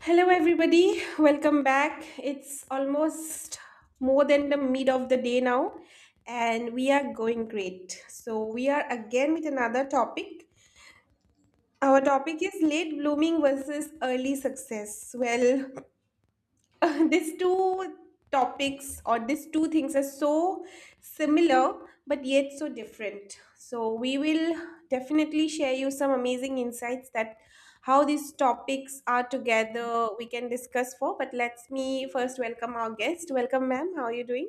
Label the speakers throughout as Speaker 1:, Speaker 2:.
Speaker 1: Hello, everybody. Welcome back. It's almost more than the mid of the day now, and we are going great. So, we are again with another topic. Our topic is late blooming versus early success. Well, these two topics or these two things are so similar but yet so different, so we will definitely share you some amazing insights that how these topics are together we can discuss for. But let's me first welcome our guest. Welcome, ma'am, how are you doing?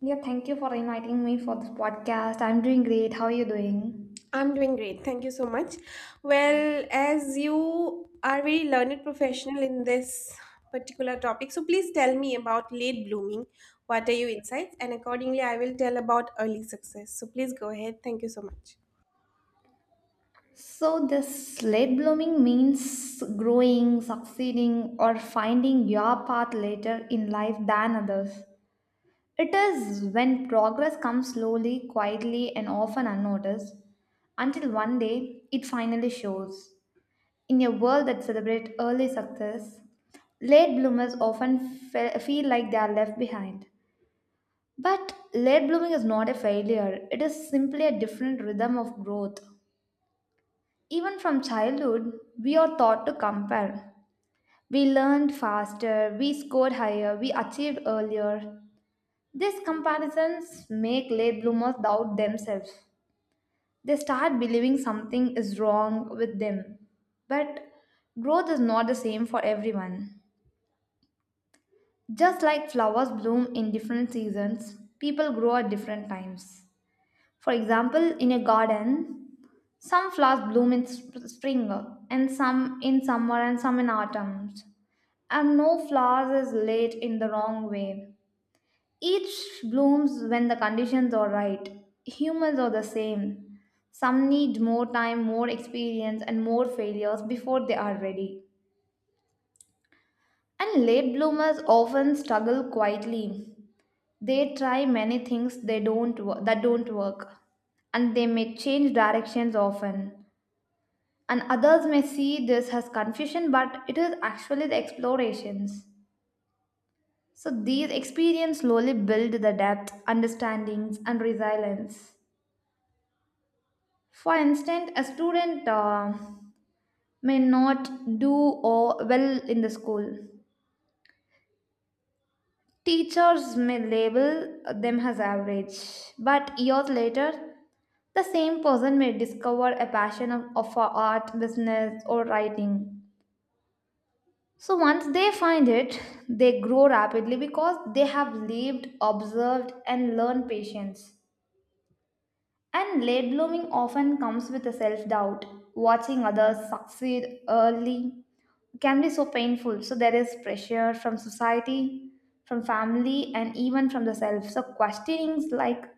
Speaker 2: Yeah, thank you for inviting me for this podcast. I'm doing great. How are you doing?
Speaker 1: I'm doing great. Thank you so much. Well, as you are very learned professional in this particular topic, so please tell me about late blooming. What are your insights? And accordingly, I will tell about early success. So please go ahead. Thank you so much.
Speaker 2: So, this late blooming means growing, succeeding, or finding your path later in life than others. It is when progress comes slowly, quietly, and often unnoticed until one day it finally shows. In a world that celebrates early success, late bloomers often feel like they are left behind. But late blooming is not a failure, it is simply a different rhythm of growth. Even from childhood, we are taught to compare. We learned faster, we scored higher, we achieved earlier. These comparisons make late bloomers doubt themselves. They start believing something is wrong with them. But growth is not the same for everyone. Just like flowers bloom in different seasons, people grow at different times. For example, in a garden, some flowers bloom in spring, and some in summer, and some in autumn. And no flowers is late in the wrong way. Each blooms when the conditions are right. Humans are the same. Some need more time, more experience, and more failures before they are ready. And late bloomers often struggle quietly. They try many things they don't wo- that don't work, and they may change directions often. And others may see this as confusion, but it is actually the explorations. So these experiences slowly build the depth understandings and resilience. For instance, a student may not do or well in the school. Teachers may label them as average, but years later the same person may discover a passion of for art, business or writing. So once they find it, they grow rapidly because they have lived, observed, and learned patience. And late blooming often comes with a self doubt. Watching others succeed early can be so painful. So there is pressure from society, from family, and even from the self. So questionings like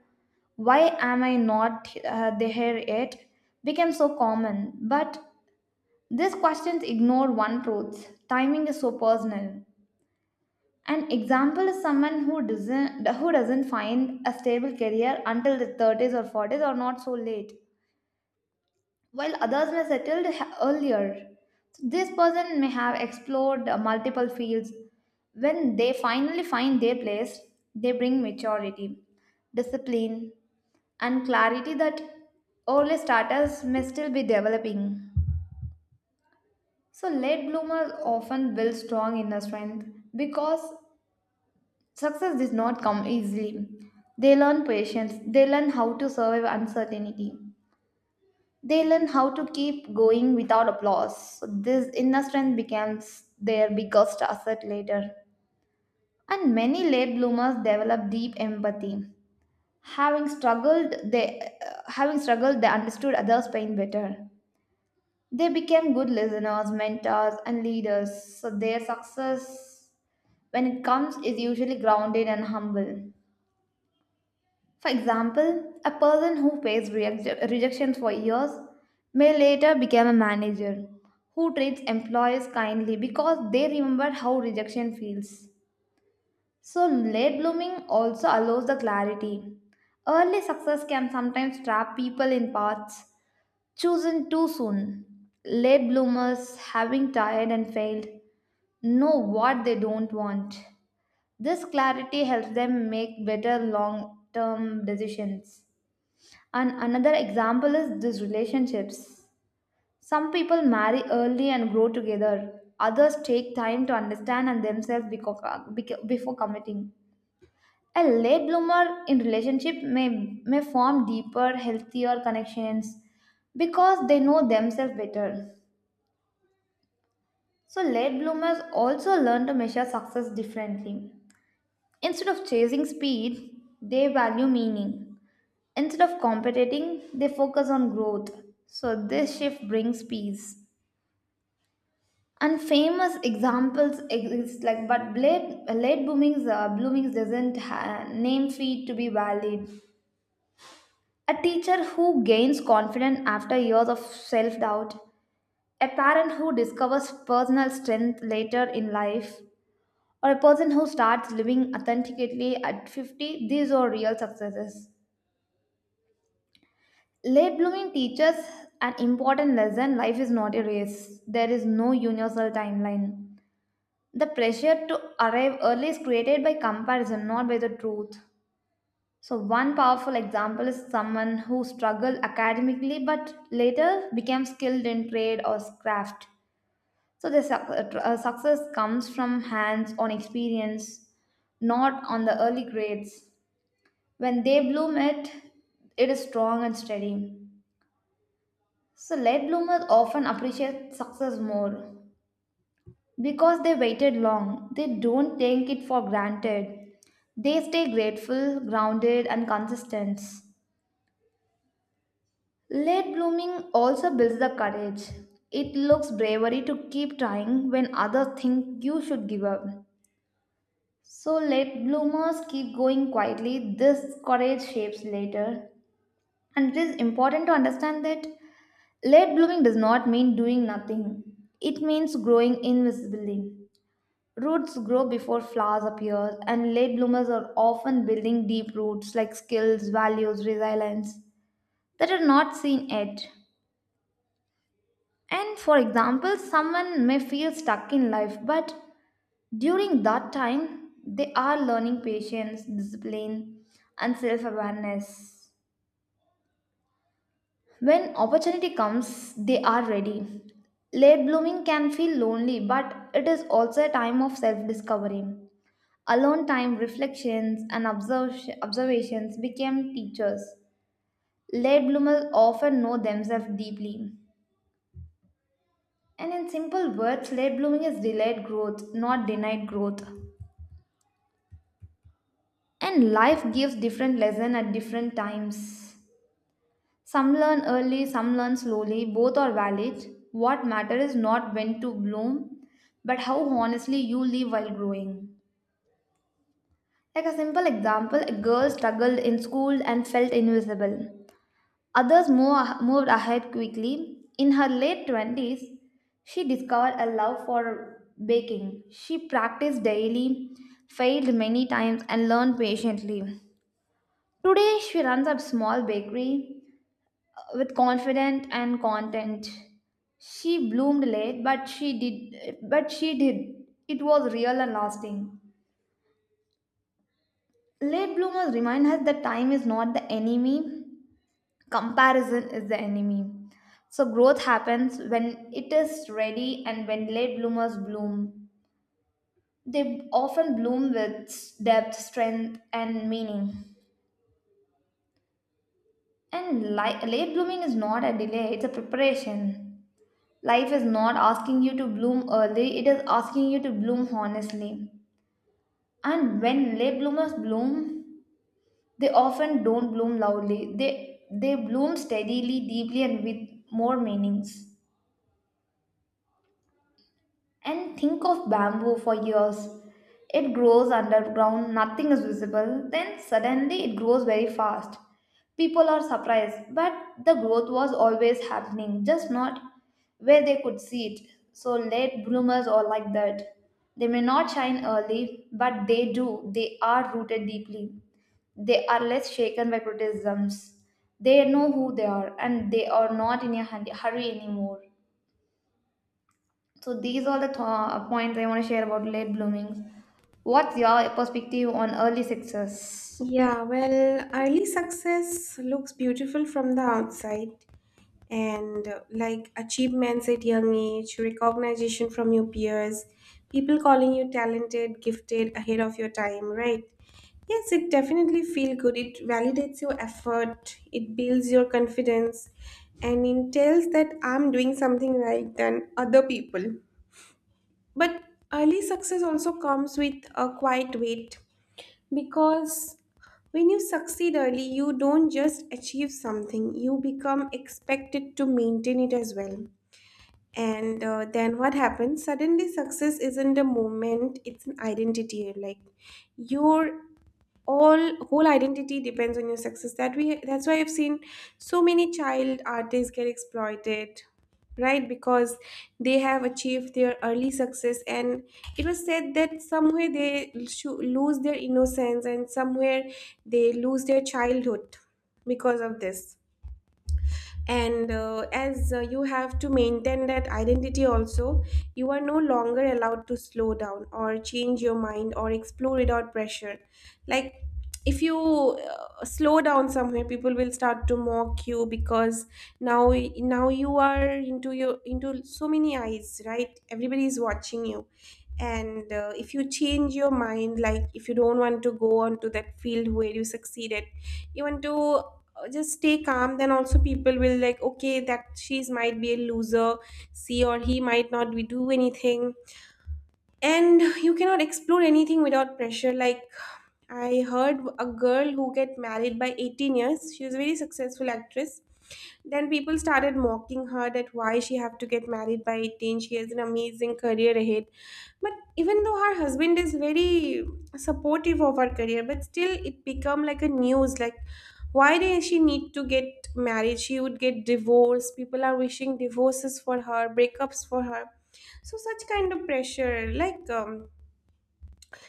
Speaker 2: why am I not there yet became so common. But these questions ignore one truth: timing is so personal. An example is someone who doesn't find a stable career until the 30s or 40s or not so late, while others may settle earlier. So this person may have explored multiple fields. When they finally find their place, they bring maturity, discipline, and clarity that early starters may still be developing. So late bloomers often build strong inner strength because success does not come easily. They learn patience, they learn how to survive uncertainty, they learn how to keep going without applause. So this inner strength becomes their biggest asset later. And many late bloomers develop deep empathy. Having struggled, they understood others' pain better. They became good listeners, mentors, and leaders. So their success, when it comes, is usually grounded and humble. For example, a person who faced rejection for years may later become a manager who treats employees kindly because they remember how rejection feels. So, late blooming also allows the clarity. Early success can sometimes trap people in paths chosen too soon. Late bloomers, having tried and failed, know what they don't want. This clarity helps them make better long term decisions. And another example is these relationships. Some people marry early and grow together. Others take time to understand and themselves before committing. A late bloomer in relationship may form deeper, healthier connections because they know themselves better. So late bloomers also learn to measure success differently. Instead of chasing speed, they value meaning. Instead of competing, they focus on growth. So this shift brings peace. And famous examples exist, like but late bloomings, bloomings doesn't ha- name feed to be valid. A teacher who gains confidence after years of self-doubt, a parent who discovers personal strength later in life, or a person who starts living authentically at 50, these are real successes. Late blooming teaches an important lesson: life is not a race. There is no universal timeline. The pressure to arrive early is created by comparison, not by the truth. So, one powerful example is someone who struggled academically but later became skilled in trade or craft. So, the success comes from hands on experience, not on the early grades. When they bloom it, it is strong and steady. So late bloomers often appreciate success more because they waited long. They don't take it for granted. They stay grateful, grounded, and consistent. Late blooming also builds the courage. It looks bravery to keep trying when others think you should give up. So late bloomers keep going quietly. This courage shapes later. And it is important to understand that late blooming does not mean doing nothing. It means growing invisibly. Roots grow before flowers appear, and late bloomers are often building deep roots like skills, values, resilience that are not seen yet. And for example, someone may feel stuck in life, but during that time, they are learning patience, discipline, and self awareness. When opportunity comes, they are ready. Late blooming can feel lonely, but it is also a time of self discovery. Alone time, reflections, and observations became teachers. Late bloomers often know themselves deeply. And in simple words, late blooming is delayed growth, not denied growth. And life gives different lessons at different times. Some learn early, some learn slowly, both are valid. What matters is not when to bloom, but how honestly you live while growing. Like a simple example, a girl struggled in school and felt invisible. Others moved ahead quickly. In her late 20s, she discovered a love for baking. She practiced daily, failed many times, and learned patiently. Today, she runs a small bakery with confident and content. She bloomed late, but she did. It was real and lasting. Late bloomers remind us that time is not the enemy, comparison is the enemy. So growth happens when it is ready and when late bloomers bloom. They often bloom with depth, strength, and meaning. And late blooming is not a delay, it's a preparation. Life is not asking you to bloom early, it is asking you to bloom honestly. And when late bloomers bloom, they often don't bloom loudly. They bloom steadily, deeply and with more meanings. And think of bamboo for years. It grows underground, nothing is visible, then suddenly it grows very fast. People are surprised, but the growth was always happening, just not where they could see it. So late bloomers are like that. They may not shine early, but they do. They are rooted deeply. They are less shaken by criticisms. They know who they are, and they are not in a hurry anymore. So these are the points I want to share about late bloomings. What's your perspective on early success?
Speaker 1: Yeah, well, early success looks beautiful from the outside, and like achievements at young age, recognition from your peers, people calling you talented, gifted, ahead of your time, right? Yes, it definitely feel good. It validates your effort, it builds your confidence, and it tells that I'm doing something right than other people. But early success also comes with a quiet weight, because when you succeed early, you don't just achieve something, you become expected to maintain it as well. And Then what happens? Suddenly, success isn't a moment, it's an identity. Like your all whole identity depends on your success, that we that's why I've seen so many child artists get exploited, right? Because they have achieved their early success, and it was said that somewhere they lose their innocence, and somewhere they lose their childhood because of this. And as You have to maintain that identity also. You are no longer allowed to slow down or change your mind or explore without pressure. Like, if you slow down somewhere, people will start to mock you, because now now you are into your into so many eyes, right? Everybody is watching you. And If you change your mind, like if you don't want to go on to that field where you succeeded, you want to just stay calm, then also people will like, okay, that she's might be a loser, see, or he might not be do anything. And you cannot explore anything without pressure. Like, I heard a girl who get married by 18 years. She was a very successful actress. Then people started mocking her that why she have to get married by 18. She has an amazing career ahead. But even though her husband is very supportive of her career, but still it become like a news, like why did she need to get married? She would get divorced. People are wishing divorces for her, breakups for her. So such kind of pressure, like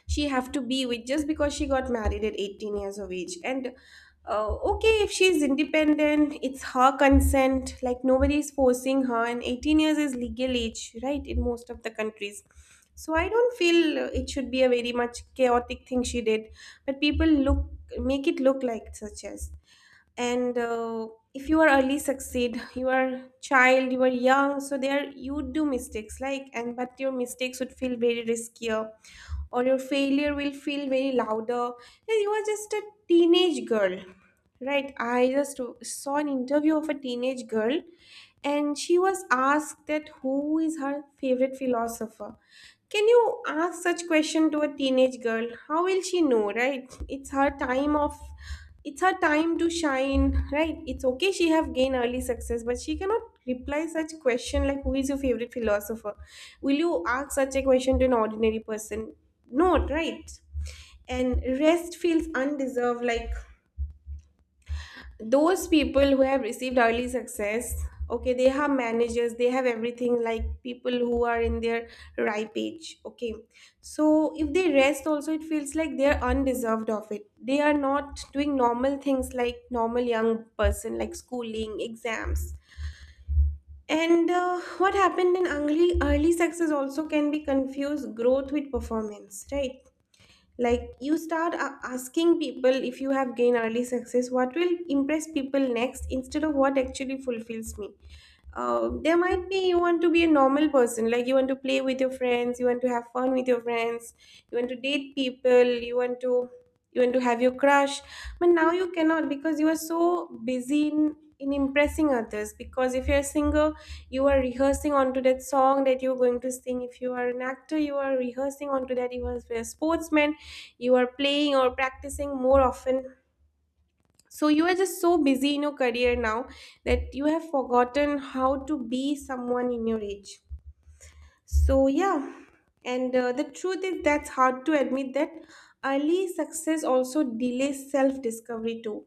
Speaker 1: she have to be with just because she got married at 18 years of age. And Okay, if she's independent, it's her consent, like nobody is forcing her, and 18 years is legal age, right, in most of the countries. So I don't feel it should be a very much chaotic thing she did, but people look make it look like such as. And If you are early succeed, you are child, you are young, so there you do mistakes like, and but your mistakes would feel very riskier, or your failure will feel very louder. And you are just a teenage girl, right? I just saw an interview of a teenage girl, and she was asked that who is her favorite philosopher. Can you ask such question to a teenage girl? How will she know, right? It's her time of it's her time to shine, right? It's okay she have gained early success, but she cannot reply such question like who is your favorite philosopher? Will you ask such a question to an ordinary person? No, right? And rest feels undeserved, like those people who have received early success, okay, they have managers, they have everything, like people who are in their ripe age, okay. So if they rest also, it feels like they are undeserved of it, they are not doing normal things like normal young person, like schooling exams. And What happened in early success also can be confused growth with performance, right? Like you start asking people, if you have gained early success, what will impress people next instead of what actually fulfills me. There might be you want to be a normal person, like you want to play with your friends, you want to have fun with your friends, you want to date people, you want to have your crush, but now you cannot because you are so busy in impressing others. Because if you're a singer, you are rehearsing onto that song that you're going to sing. If you are an actor, you are rehearsing onto that. If you are a sportsman, you are playing or practicing more often. So you are just so busy in your career now, that you have forgotten how to be someone in your age. So yeah, and the truth is that's hard to admit that early success also delays self-discovery too.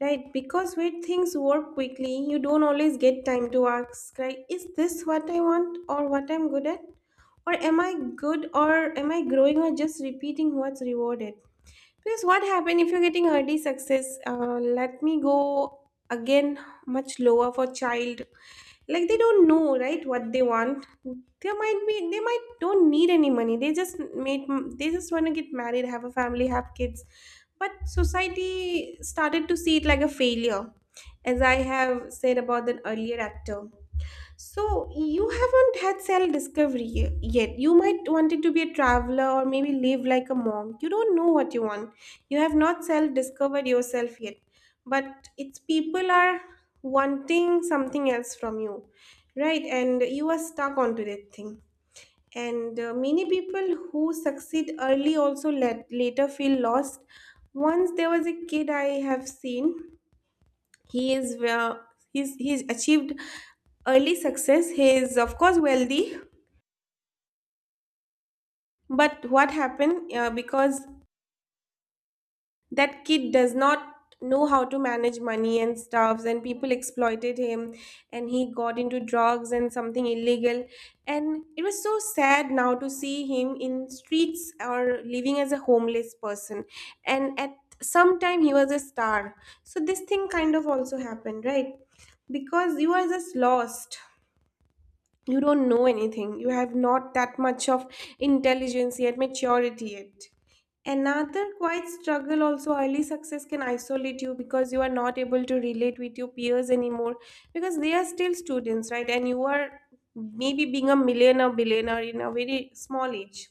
Speaker 1: Right, because when things work quickly, you don't always get time to ask, right? Is this what I want or what I'm good at? Or am I good, or am I growing, or just repeating what's rewarded? Because what happened if you're getting early success? Let me go again much lower for child. Like they don't know, right? What they want. They might be. They might don't need any money. They just made. They just want to get married, have a family, have kids. But society started to see it like a failure, as I have said about that earlier actor. So you haven't had self discovery yet. You might wanted to be a traveler or maybe live like a monk. You don't know what you want. You have not self discovered yourself yet. But it's people are wanting something else from you, right? And you are stuck onto that thing. And Many people who succeed early also let, later feel lost. Once there was a kid I have seen, he is uh, he's achieved early success, he is of course wealthy. But what happened, because that kid does not know how to manage money and stuffs, and people exploited him, and he got into drugs and something illegal, and it was so sad now to see him in streets or living as a homeless person. And at some time he was a star. So this thing kind of also happened, right? Because you are just lost. You don't know anything. You have not that much of intelligence yet, maturity yet. Another quiet struggle also, early success can isolate you because you are not able to relate with your peers anymore, because they are still students, right? And you are maybe being a millionaire, billionaire in a very small age.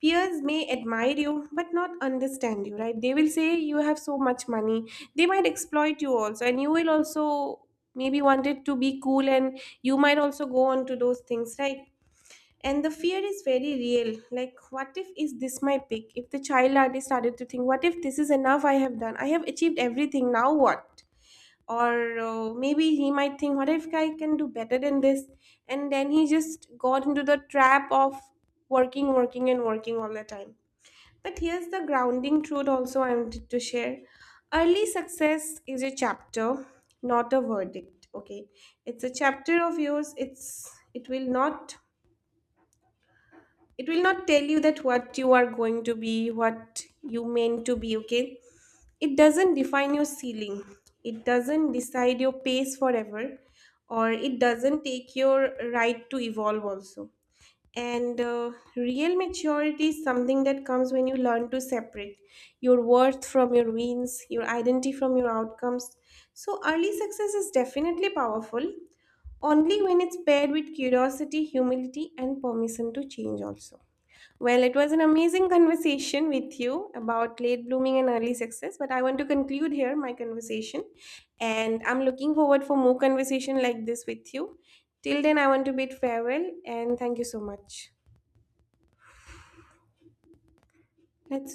Speaker 1: Peers may admire you but not understand you, right? They will say you have so much money, they might exploit you also, and you will also maybe wanted to be cool and you might also go on to those things, right? And the fear is very real, like what if is this my pick, if the child artist started to think what if this is enough, I have done, I have achieved everything, now what? Or maybe he might think, what if I can do better than this? And then he just got into the trap of working and working all the time. But here's the grounding truth also I wanted to share. Early success is a chapter, not a verdict. Okay. It's a chapter of yours. It's it will not it will not tell you that what you are going to be, what you meant to be, okay? It doesn't define your ceiling. It doesn't decide your pace forever, or it doesn't take your right to evolve also. And Real maturity is something that comes when you learn to separate your worth from your wins, your identity from your outcomes. So, early success is definitely powerful only when it's paired with curiosity, humility, and permission to change, also. Well, it was an amazing conversation with you about late blooming and early success, but I want to conclude here my conversation. And I'm looking forward for more conversation like this with you. Till then, I want to bid farewell and thank you so much. Let's do.